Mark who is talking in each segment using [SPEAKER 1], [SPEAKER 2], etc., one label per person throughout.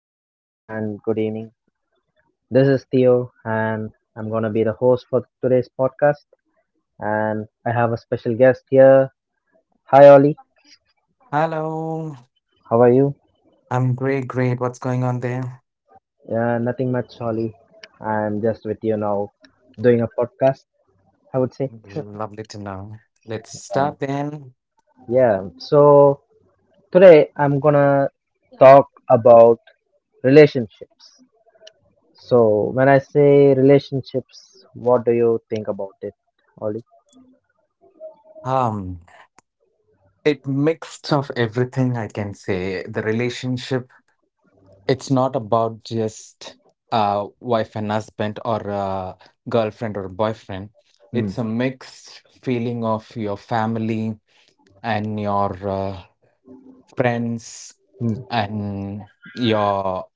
[SPEAKER 1] good afternoon, and good evening. This is Theo, and I'm going to be the host for today's podcast. And I have a special guest here. Hi, Ollie.
[SPEAKER 2] Hello.
[SPEAKER 1] How are you?
[SPEAKER 2] I'm great, great. What's going on there?
[SPEAKER 1] Yeah, nothing much, Ollie. I'm just with you now doing a podcast, I would say.
[SPEAKER 2] Lovely to know. Let's
[SPEAKER 1] Um,
[SPEAKER 2] start then.
[SPEAKER 1] yeah, so today I'm going to talk about relationships. So, when I say relationships, what do you think about it, Ollie?
[SPEAKER 2] Um, it mixed of everything I can say. The relationship, it's not about just wife and husband or girlfriend or boyfriend. It's a
[SPEAKER 1] Hmm.
[SPEAKER 2] mixed feeling of your family and your friends
[SPEAKER 1] Hmm.
[SPEAKER 2] and your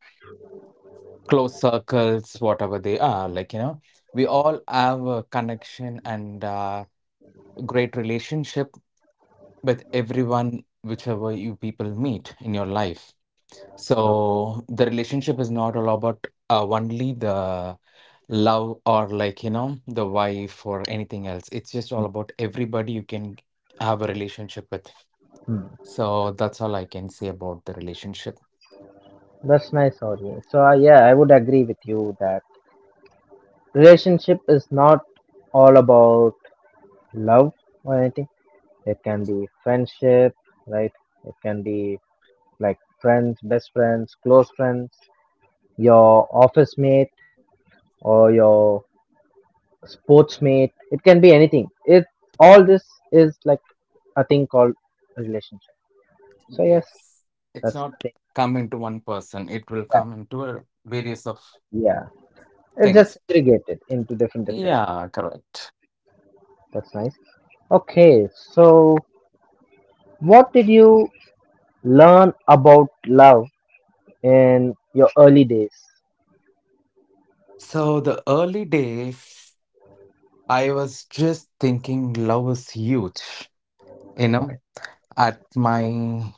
[SPEAKER 2] close circles, whatever they are. Like, you know, we all have a connection and great relationship with everyone, whichever you people meet in your life. So the relationship is not all about only the love or like, you know, the wife or anything else. It's just all about everybody you can have a relationship with.
[SPEAKER 1] Hmm.
[SPEAKER 2] So that's all I can say about the relationship.
[SPEAKER 1] That's nice, Audrey. So, yeah, I would agree with you that relationship is not all about love or anything. It can be friendship, right? It can be like friends, best friends, close friends, your office mate or your sports mate. It can be anything. It all this is like a thing called relationship. So yes,
[SPEAKER 2] Yes. It's
[SPEAKER 1] that's the
[SPEAKER 2] not
[SPEAKER 1] thing.
[SPEAKER 2] come into one person. It will
[SPEAKER 1] Yeah,
[SPEAKER 2] come into a various of
[SPEAKER 1] yeah. It's
[SPEAKER 2] things.
[SPEAKER 1] just segregated into different.
[SPEAKER 2] Yeah, correct.
[SPEAKER 1] That's nice. Okay, so what did you learn about love in your early days?
[SPEAKER 2] So the early days, I was just thinking love is huge. You
[SPEAKER 1] Okay.
[SPEAKER 2] know, at my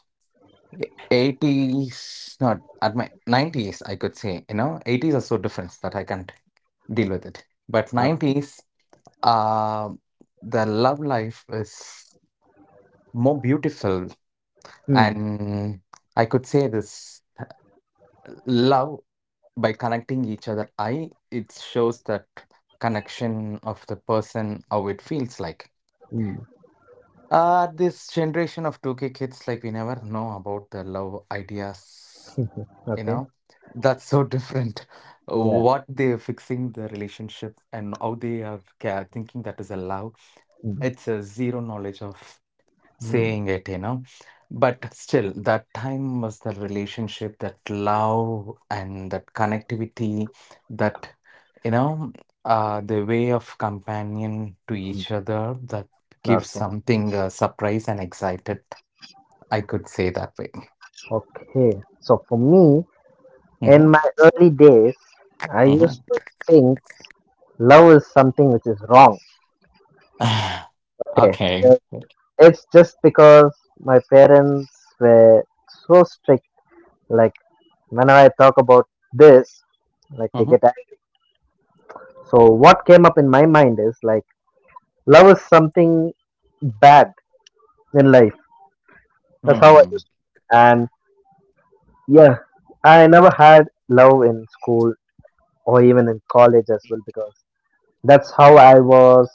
[SPEAKER 2] 80s, not at my 90s, I could say, you know, 80s are so different that I can't deal with it. But
[SPEAKER 1] Uh,
[SPEAKER 2] 90s, uh, the love life is more beautiful
[SPEAKER 1] hmm.
[SPEAKER 2] and I could say this love by connecting each other I it shows that connection of the person how it feels like,
[SPEAKER 1] Hmm.
[SPEAKER 2] this generation of 2k kids, like, we never know about the love ideas, you know.
[SPEAKER 1] Okay.
[SPEAKER 2] That's so different
[SPEAKER 1] Yeah.
[SPEAKER 2] what they're fixing the relationship and how they are thinking that is a love.
[SPEAKER 1] Hmm.
[SPEAKER 2] It's a zero knowledge of
[SPEAKER 1] Hmm.
[SPEAKER 2] saying it, you know. But still, that time was the relationship, that love and that connectivity, that, you know, the way of companion to
[SPEAKER 1] Hmm.
[SPEAKER 2] each other, that gives
[SPEAKER 1] Okay.
[SPEAKER 2] something surprise and excited. I could say that way.
[SPEAKER 1] Okay. So for me,
[SPEAKER 2] Hmm.
[SPEAKER 1] in my early days, I
[SPEAKER 2] Hmm.
[SPEAKER 1] used to think love is something which is wrong. Okay.
[SPEAKER 2] Okay.
[SPEAKER 1] Uh, it's just because my parents were so strict. Like whenever I talk about this, like they
[SPEAKER 2] Hmm.
[SPEAKER 1] get. So what came up in my mind is like love is something bad in life. That's how I
[SPEAKER 2] Hmm.
[SPEAKER 1] used to. And yeah, I never had love in school or even in college as well because that's how I was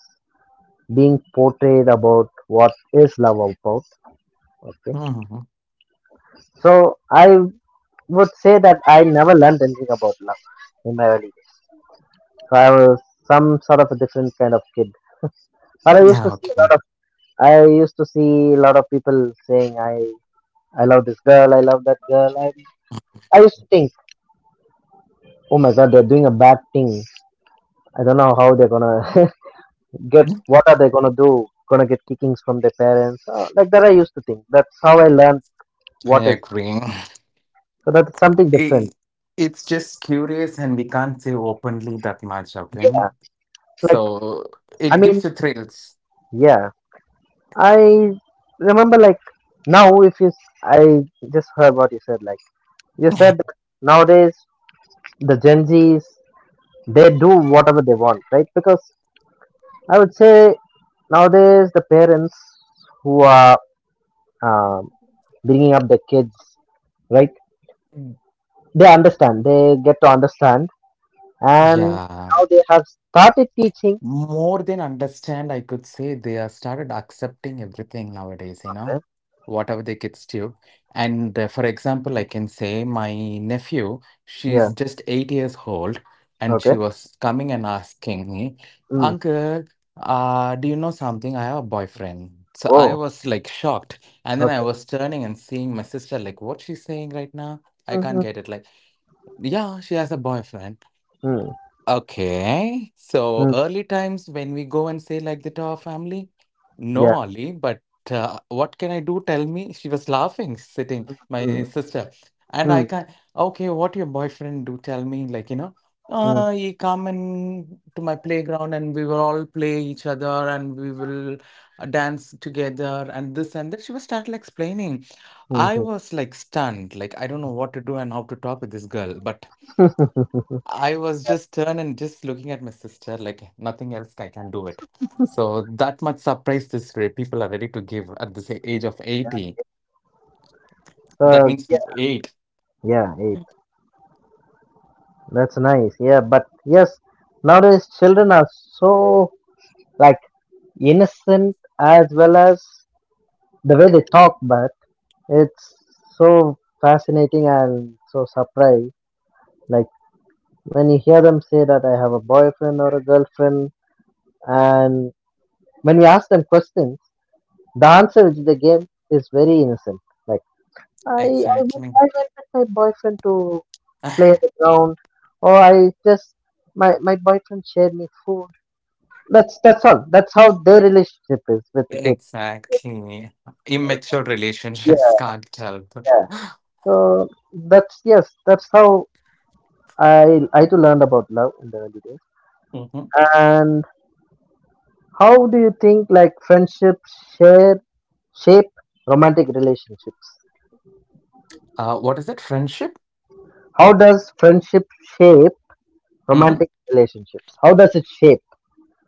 [SPEAKER 1] being portrayed about what is love about. Okay.
[SPEAKER 2] Hmm.
[SPEAKER 1] So I would say that I never learned anything about love in my early days. So I was some sort of a different kind of kid. But I used to see a lot
[SPEAKER 2] Okay.
[SPEAKER 1] of. I used to see a lot of people saying I love this girl. I love that girl. I used to think, oh my god, they're doing a bad thing. I don't know how they're gonna get. What are they gonna do? Gonna get kickings from their parents? Like that, I used to think. That's how I learned
[SPEAKER 2] I
[SPEAKER 1] what is.
[SPEAKER 2] agree.
[SPEAKER 1] So that's something different.
[SPEAKER 2] I- It's just curious, and we can't say openly that much, okay?
[SPEAKER 1] Yeah, like
[SPEAKER 2] So
[SPEAKER 1] I
[SPEAKER 2] it
[SPEAKER 1] mean,
[SPEAKER 2] gives you thrills.
[SPEAKER 1] yeah. I remember like now if you, I just heard what you said. Like you said, that nowadays the Gen Zs they do whatever they want, right? Because I would say nowadays the parents who are um, bringing up their kids, right?
[SPEAKER 2] Mm.
[SPEAKER 1] They understand. They get to understand, and
[SPEAKER 2] Yeah.
[SPEAKER 1] now they have started teaching.
[SPEAKER 2] More than understand, I could say they are started accepting everything nowadays, you know,
[SPEAKER 1] Okay.
[SPEAKER 2] whatever the kids do. And for example, I can say my nephew, she's
[SPEAKER 1] Yeah.
[SPEAKER 2] just 8 years old, and she
[SPEAKER 1] Okay.
[SPEAKER 2] was coming and asking me,
[SPEAKER 1] Mm.
[SPEAKER 2] Uncle, do you know something? I have a boyfriend. So I
[SPEAKER 1] Oh.
[SPEAKER 2] was like shocked. And then I
[SPEAKER 1] Okay.
[SPEAKER 2] was turning and seeing my sister, like, what she's saying right now? I can't
[SPEAKER 1] Mm-hmm.
[SPEAKER 2] get it. Like, yeah, she has a boyfriend.
[SPEAKER 1] Mm.
[SPEAKER 2] Okay. So
[SPEAKER 1] Mm.
[SPEAKER 2] early times when we go and say like that to our family, no,
[SPEAKER 1] Yeah.
[SPEAKER 2] Ollie, but what can I do? Tell me. She was laughing, sitting, my
[SPEAKER 1] Mm.
[SPEAKER 2] sister. And I
[SPEAKER 1] Mm.
[SPEAKER 2] can, okay, what your boyfriend do? Tell me, like, you know,
[SPEAKER 1] Mm.
[SPEAKER 2] he come and to my playground and we will all play each other and we will dance together and this and that. She was started explaining. I
[SPEAKER 1] Mm-hmm.
[SPEAKER 2] was like stunned, like I don't know what to do and how to talk with this girl, but I was just turned and just looking at my sister, like nothing else I can do it. So that much surprise this people are ready to give at this age of 80. That
[SPEAKER 1] So
[SPEAKER 2] means
[SPEAKER 1] yeah,
[SPEAKER 2] eight.
[SPEAKER 1] yeah, it, that's nice. Yeah, but yes, nowadays children are so like innocent as well as the way they talk, but it's so fascinating and so surprised. Like when you hear them say that I have a boyfriend or a girlfriend, and when we ask them questions, the answer which they give is very innocent. Like i
[SPEAKER 2] Exactly.
[SPEAKER 1] I went with my boyfriend to play on the ground, or I just my boyfriend shared me food. That's all. That's how their relationship is with the kids.
[SPEAKER 2] Exactly. Immature relationships
[SPEAKER 1] Yeah,
[SPEAKER 2] can't help.
[SPEAKER 1] yeah. So that's, yes, that's how I too learned about love in the early days.
[SPEAKER 2] Hmm.
[SPEAKER 1] And how do you think like friendships share shape romantic relationships?
[SPEAKER 2] What is it? Friendship?
[SPEAKER 1] How does friendship shape
[SPEAKER 2] Hmm.
[SPEAKER 1] romantic relationships? How does it shape?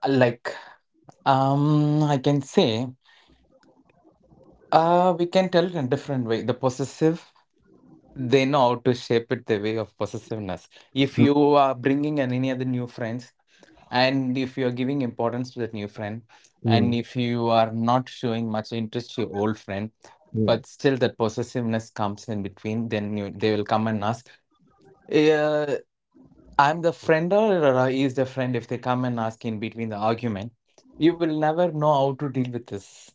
[SPEAKER 2] Like, I can say, we can tell it in a different way. The possessive. They know how to shape it the way of possessiveness. If
[SPEAKER 1] Mm,
[SPEAKER 2] you are bringing in any other new friends, and if you are giving importance to that new friend,
[SPEAKER 1] mm,
[SPEAKER 2] and if you are not showing much interest to your old friend,
[SPEAKER 1] mm,
[SPEAKER 2] but still that possessiveness comes in between, then they will come and ask, uh, I'm the friend or he is the friend, if they come and ask in between the argument. You will never know how to deal with this.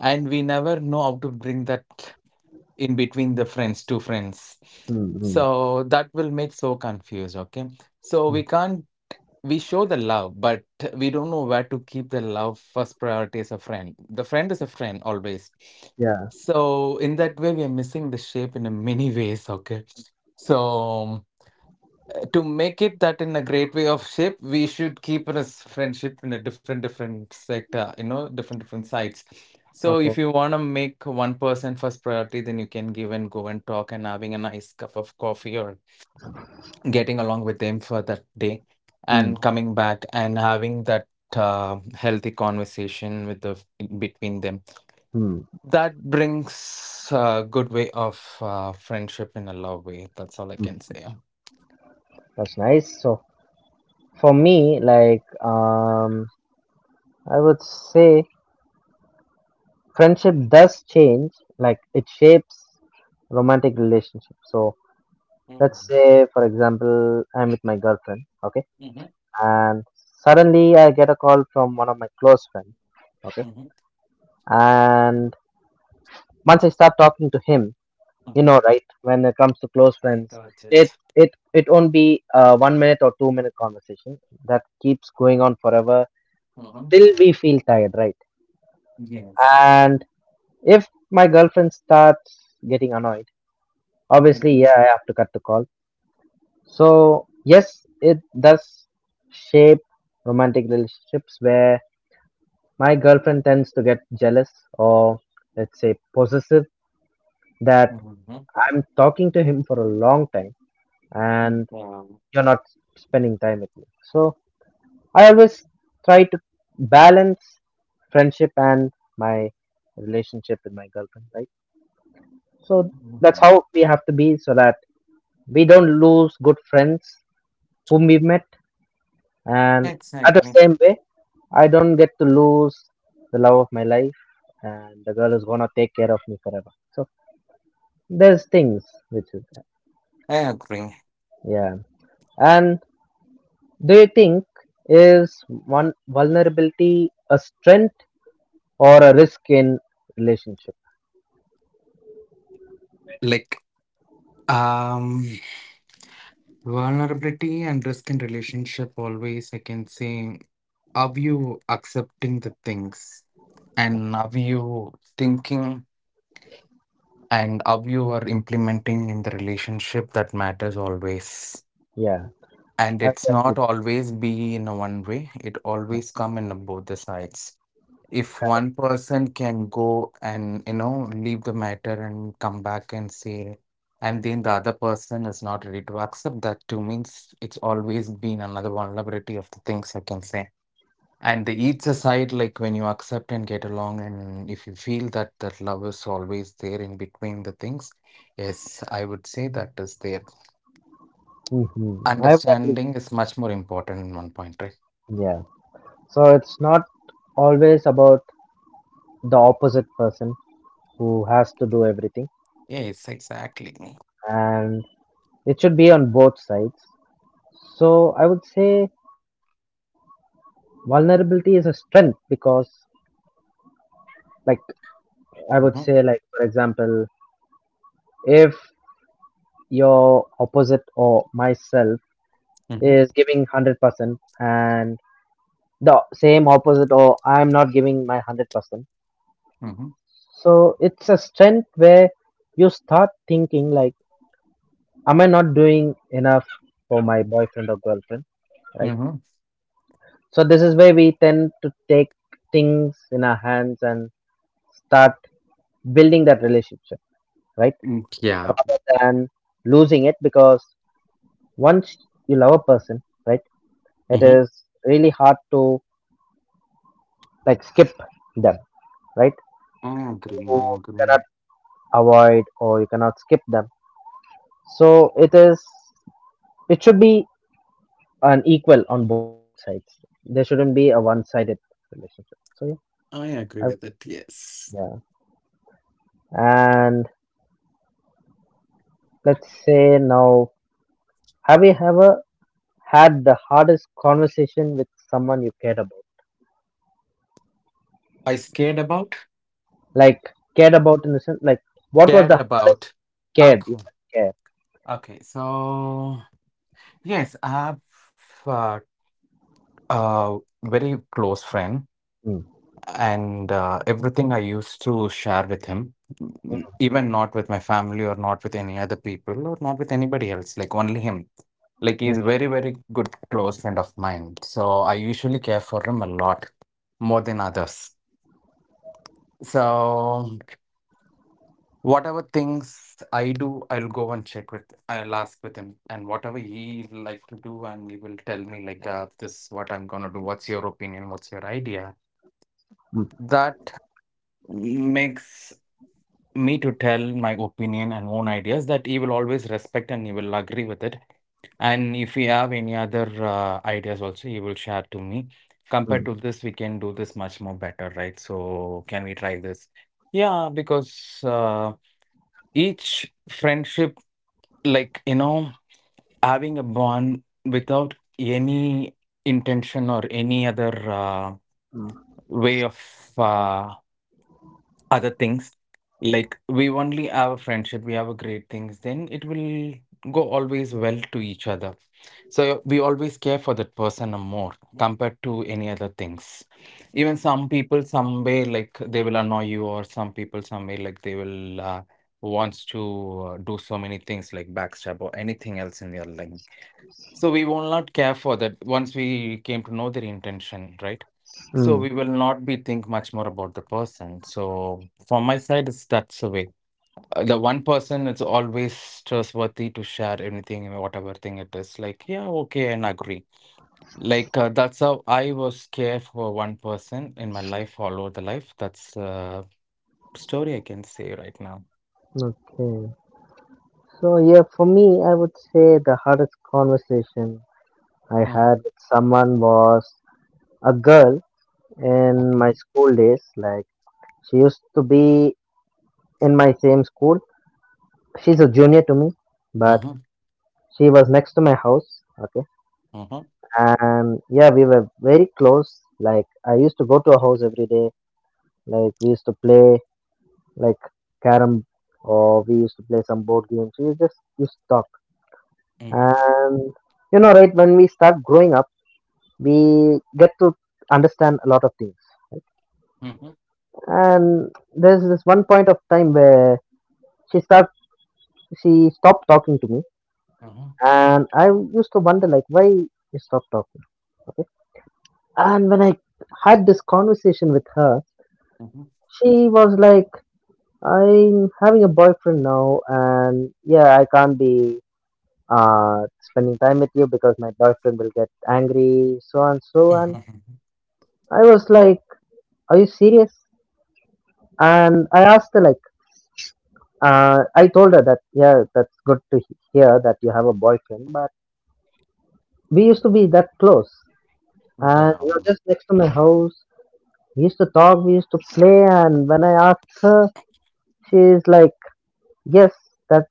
[SPEAKER 2] And we never know how to bring that in between the friends, two friends.
[SPEAKER 1] mm, mm,
[SPEAKER 2] So that will make so confused, okay? So
[SPEAKER 1] mm.
[SPEAKER 2] we can't we show the love, but we don't know where to keep the love first priority as a friend. The friend is a friend always.
[SPEAKER 1] Yeah.
[SPEAKER 2] So in that way we are missing the shape in a many ways, okay? So to make it that in a great way of shape, we should keep this friendship in a different different sector, you know, different different sides. So if
[SPEAKER 1] Okay.
[SPEAKER 2] you want to make one person first priority, then you can give and go and talk and having a nice cup of coffee or getting along with them for that day
[SPEAKER 1] Mm,
[SPEAKER 2] and coming back and having that healthy conversation with the between them,
[SPEAKER 1] mm,
[SPEAKER 2] that brings a good way of friendship in a love way. That's all I can
[SPEAKER 1] mm.
[SPEAKER 2] say.
[SPEAKER 1] That's nice. So for me, like I would say friendship does change. Like it shapes romantic relationship. So let's
[SPEAKER 2] Mm-hmm.
[SPEAKER 1] say, for example, I'm with my girlfriend, okay,
[SPEAKER 2] Mm-hmm.
[SPEAKER 1] and suddenly I get a call from one of my close friends, okay, and once I start talking to him, you
[SPEAKER 2] Mm-hmm.
[SPEAKER 1] know, right, when it comes to close
[SPEAKER 2] I
[SPEAKER 1] friends,
[SPEAKER 2] got
[SPEAKER 1] it
[SPEAKER 2] it.
[SPEAKER 1] it it won't be a 1 minute or 2 minute conversation that keeps going on forever
[SPEAKER 2] Mhm.
[SPEAKER 1] till we feel tired, right?
[SPEAKER 2] Yes.
[SPEAKER 1] And if my girlfriend starts getting annoyed, obviously,
[SPEAKER 2] Mhm.
[SPEAKER 1] yeah, I have to cut the call. So, yes, it does shape romantic relationships where my girlfriend tends to get jealous or, let's say, possessive that
[SPEAKER 2] Mhm.
[SPEAKER 1] I'm talking to him for a long time and
[SPEAKER 2] Yeah.
[SPEAKER 1] you're not spending time with me. So, I always try to balance friendship and my relationship with my girlfriend, right? So, that's
[SPEAKER 2] Mhm.
[SPEAKER 1] how we have to be so that we don't lose good friends whom we met, and at the
[SPEAKER 2] Exactly.
[SPEAKER 1] same way I don't get to lose the love of my life, and the girl is gonna take care of me forever. So there's things which is,
[SPEAKER 2] I agree.
[SPEAKER 1] yeah. And do you think is one vulnerability a strength or a risk in relationship?
[SPEAKER 2] Like, um, vulnerability and risk in relationship always, I can say, are you accepting the things, and are you thinking, and are you are implementing in the relationship, that matters always.
[SPEAKER 1] Yeah,
[SPEAKER 2] And
[SPEAKER 1] I
[SPEAKER 2] it's
[SPEAKER 1] would agree.
[SPEAKER 2] not always be in a one way, it always come in a both the sides. If one person can go and, you know, leave the matter and come back and say, and then the other person is not ready to accept that too, means it's always been another vulnerability of the things, I can say. And the each aside, like, when you accept and get along and if you feel that that love is always there in between the things, yes, I would say that is there.
[SPEAKER 1] Hmm. I would agree,
[SPEAKER 2] Understanding is much more important in one point, right?
[SPEAKER 1] yeah. So it's not always about the opposite person who has to do everything,
[SPEAKER 2] Yes, exactly.
[SPEAKER 1] and it should be on both sides. So I would say vulnerability is a strength because, like, I would
[SPEAKER 2] Hmm.
[SPEAKER 1] say, like, for example, if your opposite or myself
[SPEAKER 2] Hmm.
[SPEAKER 1] is giving 100% and the same opposite or I'm not giving my 100%.
[SPEAKER 2] Hmm.
[SPEAKER 1] So it's a strength where you start thinking, like, am I not doing enough for my boyfriend or girlfriend, right?
[SPEAKER 2] Hmm.
[SPEAKER 1] So this is where we tend to take things in our hands and start building that relationship, right?
[SPEAKER 2] Yeah.
[SPEAKER 1] Rather than losing it, because once you love a person, right, it is really hard to like skip them, right?
[SPEAKER 2] I agree.
[SPEAKER 1] You
[SPEAKER 2] I
[SPEAKER 1] cannot
[SPEAKER 2] agree.
[SPEAKER 1] avoid or you cannot skip them. So it is, it should be an equal on both sides. There shouldn't be a one sided relationship. So yeah,
[SPEAKER 2] I
[SPEAKER 1] I
[SPEAKER 2] agree
[SPEAKER 1] would,
[SPEAKER 2] with it. Yes.
[SPEAKER 1] yeah. And let's say now, have you ever had the hardest conversation with someone you cared about?
[SPEAKER 2] I scared about.
[SPEAKER 1] Like cared about in the sense like what was
[SPEAKER 2] Cared
[SPEAKER 1] the hardest.
[SPEAKER 2] about.
[SPEAKER 1] Cared,
[SPEAKER 2] Okay.
[SPEAKER 1] yeah, care.
[SPEAKER 2] Okay. So yes, I have uh, a very close friend,
[SPEAKER 1] Mm,
[SPEAKER 2] and everything I used to share with him, mm, even not with my family or not with any other people or not with anybody else, like only him. Like he's
[SPEAKER 1] mm,
[SPEAKER 2] very, very good close friend of mine. So I usually care for him a lot more than others. So, whatever things I do, I'll go and check with, I'll ask with him, and whatever he like to do, and he will tell me like, this is what I'm gonna do. What's your opinion? What's your idea?
[SPEAKER 1] mm,
[SPEAKER 2] That makes me to tell my opinion and own ideas that he will always respect and he will agree with it. And if we have any other ideas also, he will share to me. Compared
[SPEAKER 1] mm,
[SPEAKER 2] to this, we can do this much more better, right? So can we try this? Yeah, because each friendship, like, you know, having a bond without any intention or any other
[SPEAKER 1] mm,
[SPEAKER 2] way of uh, other things. Like we only have a friendship, we have a great things, then it will go always well to each other. So we always care for that person a more compared to any other things. Even some people, some way, like, they will annoy you, or some people, some way, like, they will wants to do so many things like backstab or anything else in their life. So we will not care for that once we came to know their intention, right? So we
[SPEAKER 1] mm.
[SPEAKER 2] will not be think much more about the person. So from my side, it's that's the way. The one person, it's always trustworthy to share anything and whatever thing it is. Like, yeah, okay, and agree. Like, that's how I was care for one person in my life, all over the life. That's a story I can say right now.
[SPEAKER 1] Okay. So yeah, for me, I would say the hardest conversation I
[SPEAKER 2] Mhm.
[SPEAKER 1] had with someone was a girl in my
[SPEAKER 2] Okay.
[SPEAKER 1] school days. Like she used to be in my same school. She's a junior to me, but
[SPEAKER 2] Mhm.
[SPEAKER 1] she was next to my house. Okay.
[SPEAKER 2] Mhm.
[SPEAKER 1] And yeah, we were very close. Like I used to go to her house every day. Like we used to play, like carom, or we used to play some board games. We just used to talk.
[SPEAKER 2] Mhm.
[SPEAKER 1] And you know, right, when we start growing up, we get to understand a lot of things.
[SPEAKER 2] Mhm.
[SPEAKER 1] And there's this one point of time where she start she stopped talking to me.
[SPEAKER 2] Mhm.
[SPEAKER 1] And I used to wonder like why you stopped talking. Okay. And when I had this conversation with her,
[SPEAKER 2] Mhm.
[SPEAKER 1] she was like, I'm having a boyfriend now and yeah I can't be, spending time with you because my boyfriend will get angry, so and so. And
[SPEAKER 2] Mhm.
[SPEAKER 1] I was like, are you serious? And I asked her, like, I told her that, yeah, that's good to hear that you have a boyfriend, but we used to be that close. And
[SPEAKER 2] Yeah.
[SPEAKER 1] you're just next to my house. We used to talk, we used to play. And when I asked her, she's like, yes, that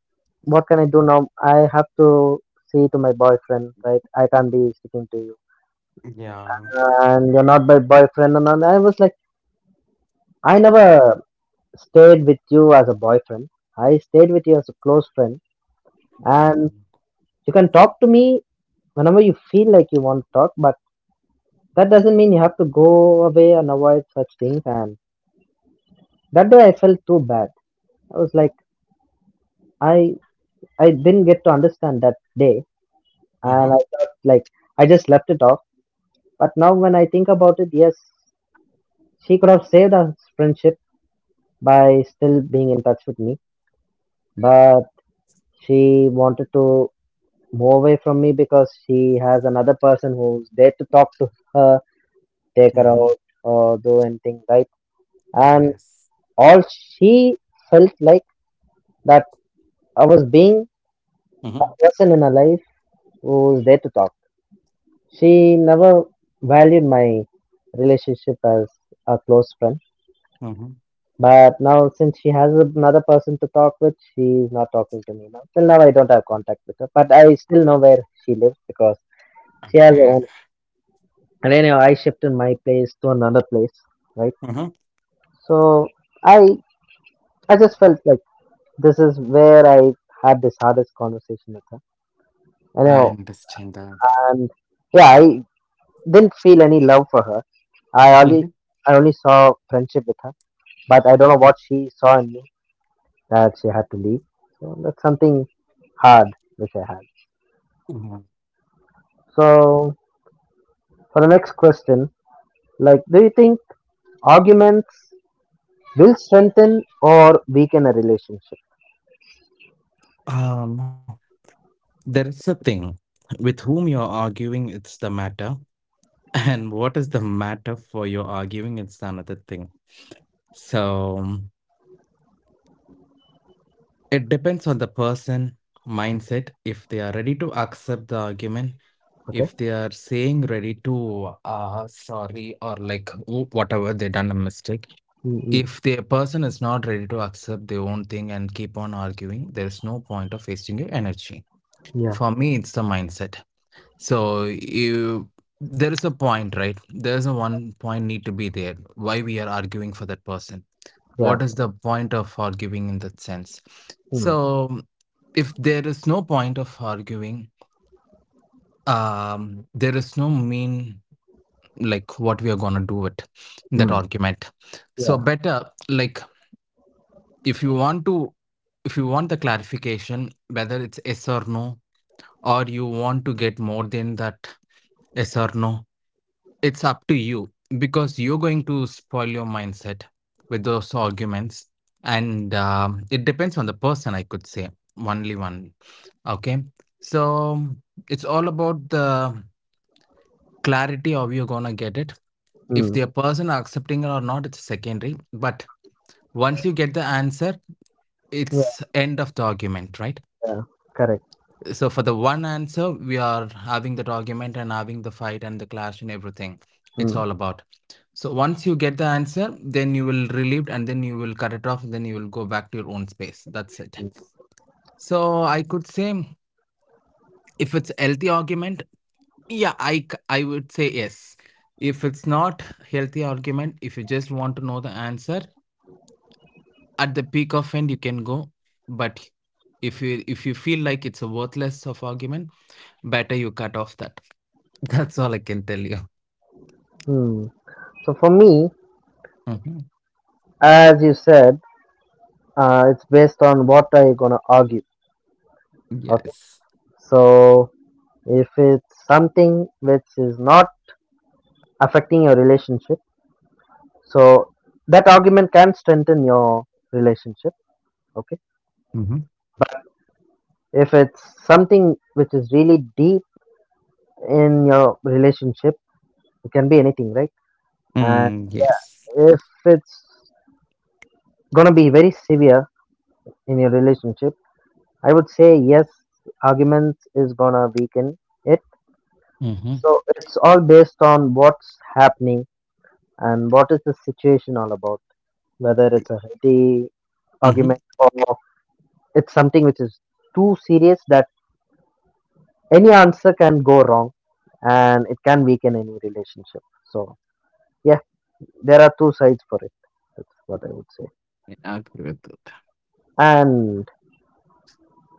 [SPEAKER 1] what can I do now? I have to see to my boyfriend, right? I can't be sticking to you.
[SPEAKER 2] Yeah,
[SPEAKER 1] And you're not my boyfriend. And all. I was like, I never stayed with you as a boyfriend. I stayed with you as a close friend.
[SPEAKER 2] yeah.
[SPEAKER 1] And you can talk to me whenever you feel like you want to talk, but that doesn't mean you have to go away and avoid such things. And that day I felt too bad. I was like, I I didn't get to understand that day, and I
[SPEAKER 2] Mhm,
[SPEAKER 1] thought like I just left it off. But now when I think about it, yes, she could have saved our friendship by still being in touch with me, but she wanted to move away from me because she has another person who's there to talk to her, take her
[SPEAKER 2] mhm.
[SPEAKER 1] out, or do anything, right? And
[SPEAKER 2] Yes.
[SPEAKER 1] all she felt like that I was being a
[SPEAKER 2] Mhm,
[SPEAKER 1] person in her life who's there to talk. She never valued my relationship as a close friend.
[SPEAKER 2] mhm.
[SPEAKER 1] But now, since she has another person to talk with, she's not talking to me now. Till now, I don't have contact with her, but I still know where she lives because she has her
[SPEAKER 2] Okay.
[SPEAKER 1] own. And anyway I shifted my place to another place, right?
[SPEAKER 2] Mhm.
[SPEAKER 1] So i I just felt like this is where I had this hardest conversation with her. I
[SPEAKER 2] I
[SPEAKER 1] know.
[SPEAKER 2] understand that.
[SPEAKER 1] And yeah, I didn't feel any love for her. i only
[SPEAKER 2] Mhm,
[SPEAKER 1] I only saw friendship with her, but I don't know what she saw in me that she had to leave. So that's something hard which I had.
[SPEAKER 2] mhm.
[SPEAKER 1] So for the next question, like, do you think arguments will strengthen or weaken a relationship?
[SPEAKER 2] Um, there is a thing, with whom you're arguing, it's the matter, and what is the matter for your arguing, it's another thing. So it depends on the person mindset, if they are ready to accept the argument,
[SPEAKER 1] Okay.
[SPEAKER 2] if they are saying ready to sorry or like whatever they done a mistake.
[SPEAKER 1] Mm, mm.
[SPEAKER 2] If the person is not ready to accept their own thing and keep on arguing, there is no point of wasting your energy.
[SPEAKER 1] Yeah,
[SPEAKER 2] For me, it's the mindset. So you there is a point, right? There is a one point need to be there. Why we are arguing for that person?
[SPEAKER 1] yeah.
[SPEAKER 2] What is the point of arguing in that sense?
[SPEAKER 1] Mm,
[SPEAKER 2] So if there is no point of arguing, there is no mean like what we are gonna do with that
[SPEAKER 1] mm,
[SPEAKER 2] argument. So
[SPEAKER 1] yeah,
[SPEAKER 2] better, like, if you want to if you want the clarification whether it's yes or no, or you want to get more than that yes or no, it's up to you because you're going to spoil your mindset with those arguments. And it depends on the person, I could say. Only one, okay. So it's all about the clarity of you're gonna get it. If
[SPEAKER 1] mm,
[SPEAKER 2] the person are accepting it or not, it's secondary, but once you get the answer,
[SPEAKER 1] yeah,
[SPEAKER 2] it's end of the argument, right?
[SPEAKER 1] yeah. Correct.
[SPEAKER 2] So for the one answer, we are having that argument and having the fight and the clash and everything. It's
[SPEAKER 1] Mm,
[SPEAKER 2] all about. So once you get the answer, then you will relieved and then you will cut it off and then you will go back to your own space. That's it. So I could say, if it's healthy argument, yeah, I would say yes. If it's not healthy argument, if you just want to know the answer at the peak of end, you can go. But if you feel like it's a worthless of argument, better you cut off that. That's all I can tell you.
[SPEAKER 1] mm. So for me,
[SPEAKER 2] Mm-hmm.
[SPEAKER 1] as you said, it's based on what are you gonna argue. Okay.
[SPEAKER 2] Yes.
[SPEAKER 1] So if it's something which is not affecting your relationship, so that argument can strengthen your relationship. Okay.
[SPEAKER 2] Mm-hmm.
[SPEAKER 1] If it's something which is really deep in your relationship, it can be anything, right? And
[SPEAKER 2] Mm, yes.
[SPEAKER 1] if it's gonna be very severe in your relationship, I would say yes, arguments is gonna weaken it.
[SPEAKER 2] Mm-hmm.
[SPEAKER 1] So it's all based on what's happening and what is the situation all about, whether it's a healthy
[SPEAKER 2] Mm-hmm.
[SPEAKER 1] argument or it's something which is too serious that any answer can go wrong and it can weaken any relationship. So yeah, there are two sides for it. That's what I would say.
[SPEAKER 2] Yeah, I agree with that.
[SPEAKER 1] And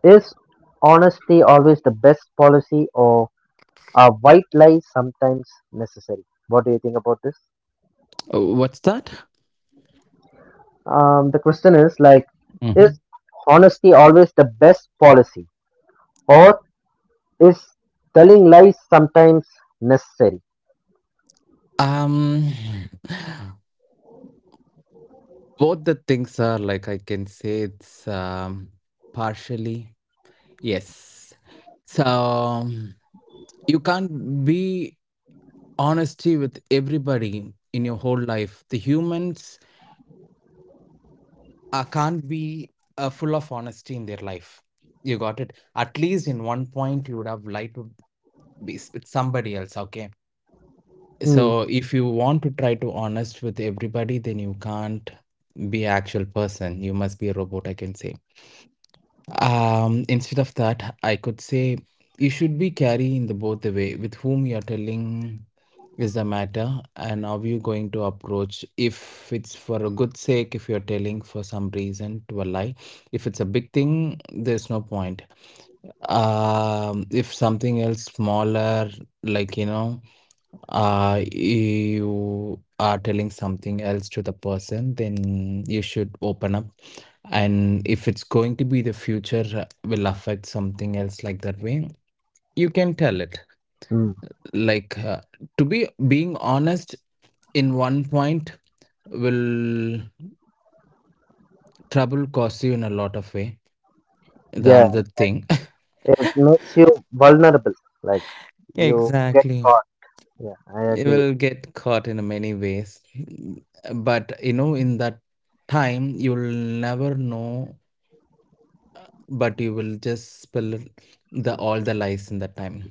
[SPEAKER 1] is honesty always the best policy or are white lies sometimes necessary? What do you think about this?
[SPEAKER 2] Oh, what's that?
[SPEAKER 1] The question is like, is
[SPEAKER 2] Mm-hmm.
[SPEAKER 1] honesty always the best policy, or is telling lies sometimes necessary?
[SPEAKER 2] Um, Both the things are like I can say it's, partially yes. So you can't be honesty with everybody in your whole life. The humans can't be full of honesty in their life. You got it. At least in one point, you would have lied to with somebody else. Okay.
[SPEAKER 1] Hmm.
[SPEAKER 2] So if you want to try to honest with everybody, then you can't be an actual person. You must be a robot, I can say. Instead of that, I could say you should be carrying the both the way with whom you are telling is the matter, and are you going to approach, if it's for a good sake, if you're telling for some reason to a lie. If it's a big thing, there's no point. If something else smaller, like, you know, you are telling something else to the person, then you should open up. And if it's going to be the future, will affect something else like that way, you can tell it.
[SPEAKER 1] Hmm.
[SPEAKER 2] Like, to be being honest in one point will trouble cost you in a lot of way. The
[SPEAKER 1] Yeah,
[SPEAKER 2] another thing.
[SPEAKER 1] it makes you vulnerable. Like you get
[SPEAKER 2] Exactly.
[SPEAKER 1] caught. Yeah, I
[SPEAKER 2] You
[SPEAKER 1] agree with
[SPEAKER 2] will get caught in many ways, but you know, in that time you will never know, but you will just spill the all the lies in that time.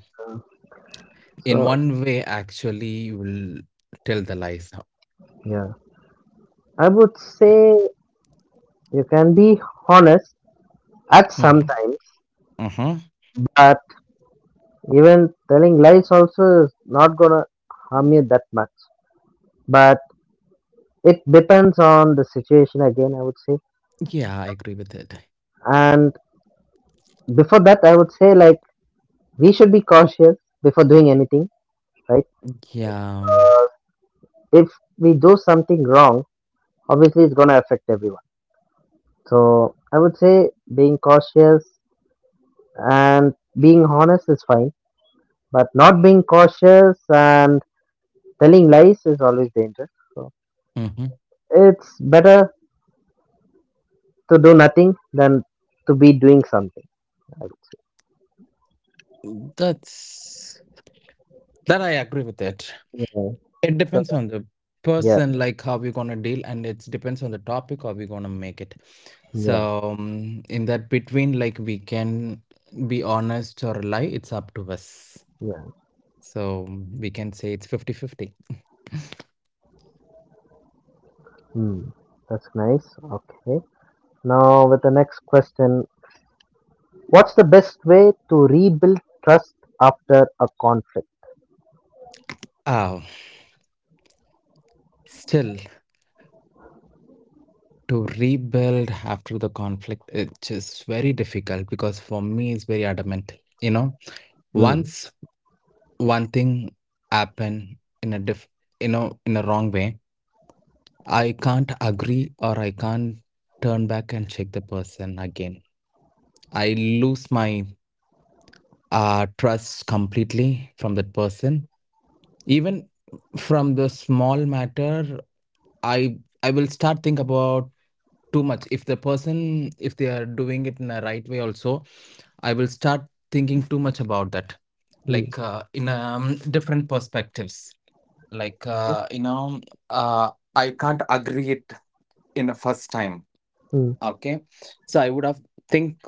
[SPEAKER 1] you.
[SPEAKER 2] In
[SPEAKER 1] So
[SPEAKER 2] one way actually, you will tell the lies.
[SPEAKER 1] yeah, I would say you can be honest at
[SPEAKER 2] Mm-hmm.
[SPEAKER 1] sometimes,
[SPEAKER 2] uh huh.
[SPEAKER 1] but even telling lies also is not gonna harm you that much. But it depends on the situation again, I would say.
[SPEAKER 2] Yeah, I agree with it.
[SPEAKER 1] And before that, I would say like we should be cautious before doing anything, right?
[SPEAKER 2] Yeah.
[SPEAKER 1] If we do something wrong, obviously it's gonna affect everyone. So I would say being cautious and being honest is fine, but not being cautious and telling lies is always dangerous. So
[SPEAKER 2] Mm-hmm.
[SPEAKER 1] it's better to do nothing than to be doing something, I would
[SPEAKER 2] That's, that I agree with it.
[SPEAKER 1] say. Yeah.
[SPEAKER 2] It
[SPEAKER 1] So
[SPEAKER 2] depends
[SPEAKER 1] that-
[SPEAKER 2] on the person, like how we're gonna deal, and it depends on the topic how we're gonna make it. So
[SPEAKER 1] yeah,
[SPEAKER 2] in that between, like, we can be honest or lie, it's up to us.
[SPEAKER 1] yeah.
[SPEAKER 2] So we can say it's fifty fifty. 50.
[SPEAKER 1] Hmm, that's nice. Okay. Now, with the next question, what's the best way to rebuild trust after a conflict?
[SPEAKER 2] Oh, still to rebuild after the conflict, it's just very difficult because for me it's very adamant. You know,
[SPEAKER 1] Hmm.
[SPEAKER 2] once one thing happened in a diff, you know, in a wrong way, I can't agree or I can't turn back and check the person again. I lose my trust completely from that person. Even from the small matter, I I will start think about too much. If the person, if they are doing it in a right way, also, I will start thinking too much about that,
[SPEAKER 1] Hmm.
[SPEAKER 2] like, in, different perspectives. Like, you know, I can't agree it in a first time.
[SPEAKER 1] Hmm.
[SPEAKER 2] Okay. So I would have think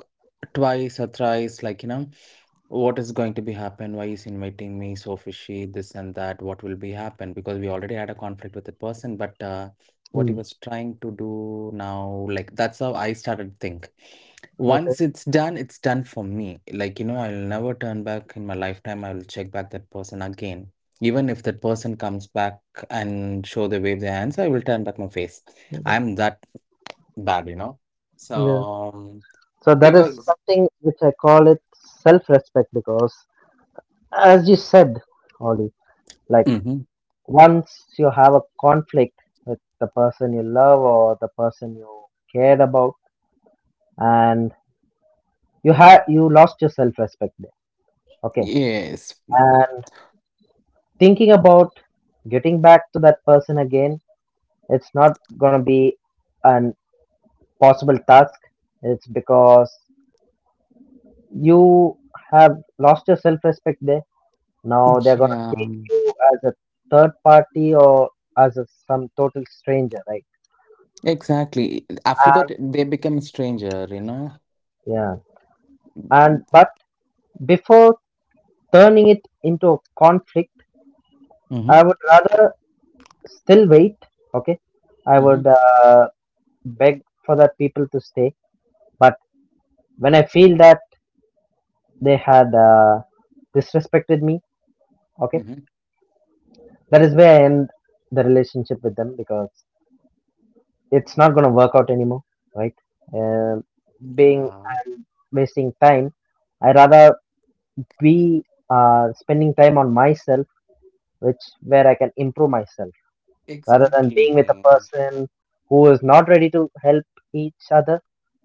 [SPEAKER 2] twice or thrice, like, you know, what is going to be happen? Why is inviting me so fishy? This and that. What will be happen? Because we already had a conflict with that person, but what he
[SPEAKER 1] Hmm.
[SPEAKER 2] was trying to do now, like that's how I started to think.
[SPEAKER 1] Okay.
[SPEAKER 2] Once it's done for me. Like, you know, I'll never turn back in my lifetime. I will check back that person again. Even if that person comes back and show the wave their hands, I will turn back my face. I'm that, you know.
[SPEAKER 1] Yeah.
[SPEAKER 2] So,
[SPEAKER 1] So that is
[SPEAKER 2] because.
[SPEAKER 1] something which I call it self respect because, as you said, Ollie, like
[SPEAKER 2] Hmm.
[SPEAKER 1] once you have a conflict with the person you love or the person you cared about, and you lost your self respect there.
[SPEAKER 2] Yes.
[SPEAKER 1] Okay, thinking about getting back to that person again, it's not going to be an possible task. It's because you have lost your self respect there. Now they're going to
[SPEAKER 2] Yeah.
[SPEAKER 1] take you as a third party or as a some total stranger, right?
[SPEAKER 2] Exactly. After that,
[SPEAKER 1] And
[SPEAKER 2] they become stranger, you know.
[SPEAKER 1] yeah, and but before turning it into a conflict, I
[SPEAKER 2] Mm-hmm.
[SPEAKER 1] would rather still wait. Okay, I would
[SPEAKER 2] Mm-hmm.
[SPEAKER 1] beg for that people to stay. But when I feel that they had disrespected me, okay,
[SPEAKER 2] Mm-hmm.
[SPEAKER 1] that is where I end the relationship with them, because it's not going to work out anymore, right? Um, being
[SPEAKER 2] Yeah.
[SPEAKER 1] I wasting time, I rather be spending time on myself, which where I can improve myself, rather than being with a
[SPEAKER 2] Exactly.
[SPEAKER 1] person who is not ready to help each other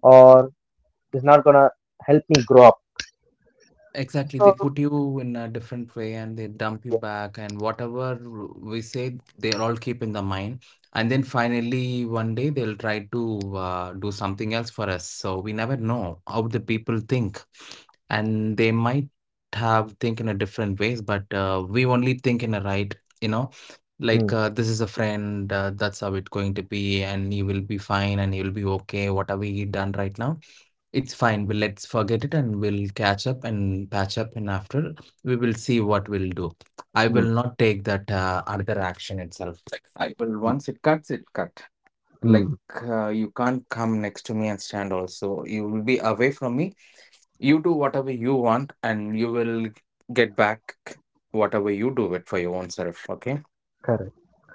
[SPEAKER 1] or is not going to help me grow up.
[SPEAKER 2] Exactly, they
[SPEAKER 1] So,
[SPEAKER 2] put you in a different way and they dump you back, and whatever we say, they all keep in the mind. And then finally, one day they'll try to do something else for us. So we never know how the people think, and they might have think in a different ways, but we only think in a right, you know, like,
[SPEAKER 1] mm,
[SPEAKER 2] this is a friend, that's how it's going to be, and he will be fine, and he'll be okay, whatever he done right now. It's fine. Well, let's forget it and we'll catch up and patch up. And after, we will see what we'll do. I
[SPEAKER 1] mm,
[SPEAKER 2] will not take that other action itself. Like, I will once it cuts, it cut. Like,
[SPEAKER 1] mm,
[SPEAKER 2] you can't come next to me and stand. Also, you will be away from me. You do whatever you want, and you will get back whatever you do it for your own self. Okay.
[SPEAKER 1] correct.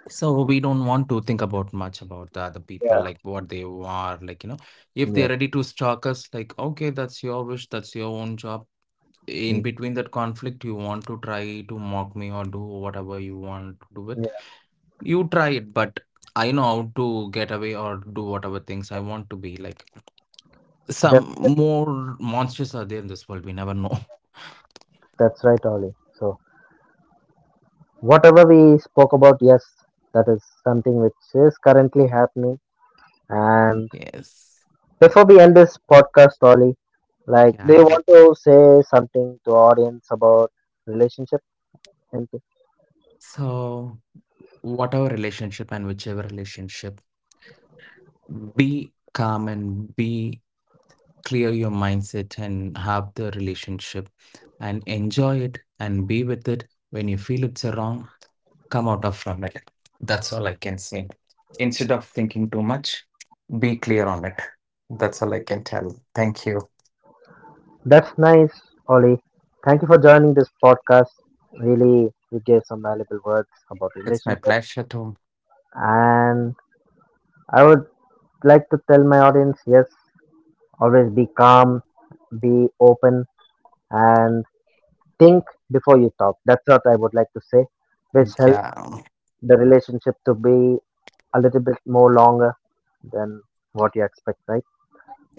[SPEAKER 2] So we don't want to think about much about the other people,
[SPEAKER 1] Yeah,
[SPEAKER 2] like what they are, like, you know, if
[SPEAKER 1] yeah.
[SPEAKER 2] they're ready to stalk us, like okay, that's your wish, that's your own job.
[SPEAKER 1] Mm,
[SPEAKER 2] In between that conflict, you want to try to mock me or do whatever you want to do it. You try it, but I know how to get away or do whatever things I want to be. Like
[SPEAKER 1] yeah.
[SPEAKER 2] some more monsters are there in this world, we never know.
[SPEAKER 1] That's right, Ollie. So, whatever we spoke about, yes, that is something which is currently happening. And
[SPEAKER 2] Yes.
[SPEAKER 1] before we end this podcast, Ollie, like, do you
[SPEAKER 2] Yeah.
[SPEAKER 1] want to say something to audience about relationship? And
[SPEAKER 2] So whatever relationship and whichever relationship, be calm and be clear your mindset and have the relationship and enjoy it and be with it. When you feel it's a wrong, come out of from it. That's all I can say. Instead of thinking too much, be clear on it. That's all I can tell. Thank you.
[SPEAKER 1] that's nice, Ollie. Thank you for joining this podcast. Really, you gave some valuable words about
[SPEAKER 2] It's my
[SPEAKER 1] relationship.
[SPEAKER 2] pleasure to.
[SPEAKER 1] And I would like to tell my audience, yes, always be calm, be open, and think before you talk. That's what I would like to say, which help
[SPEAKER 2] Yeah,
[SPEAKER 1] the relationship to be a little bit more longer than what you expect, right?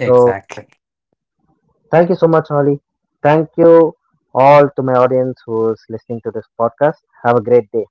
[SPEAKER 1] So thank you so much, Holly. Thank you all to my audience who's listening to this podcast. Have a great day.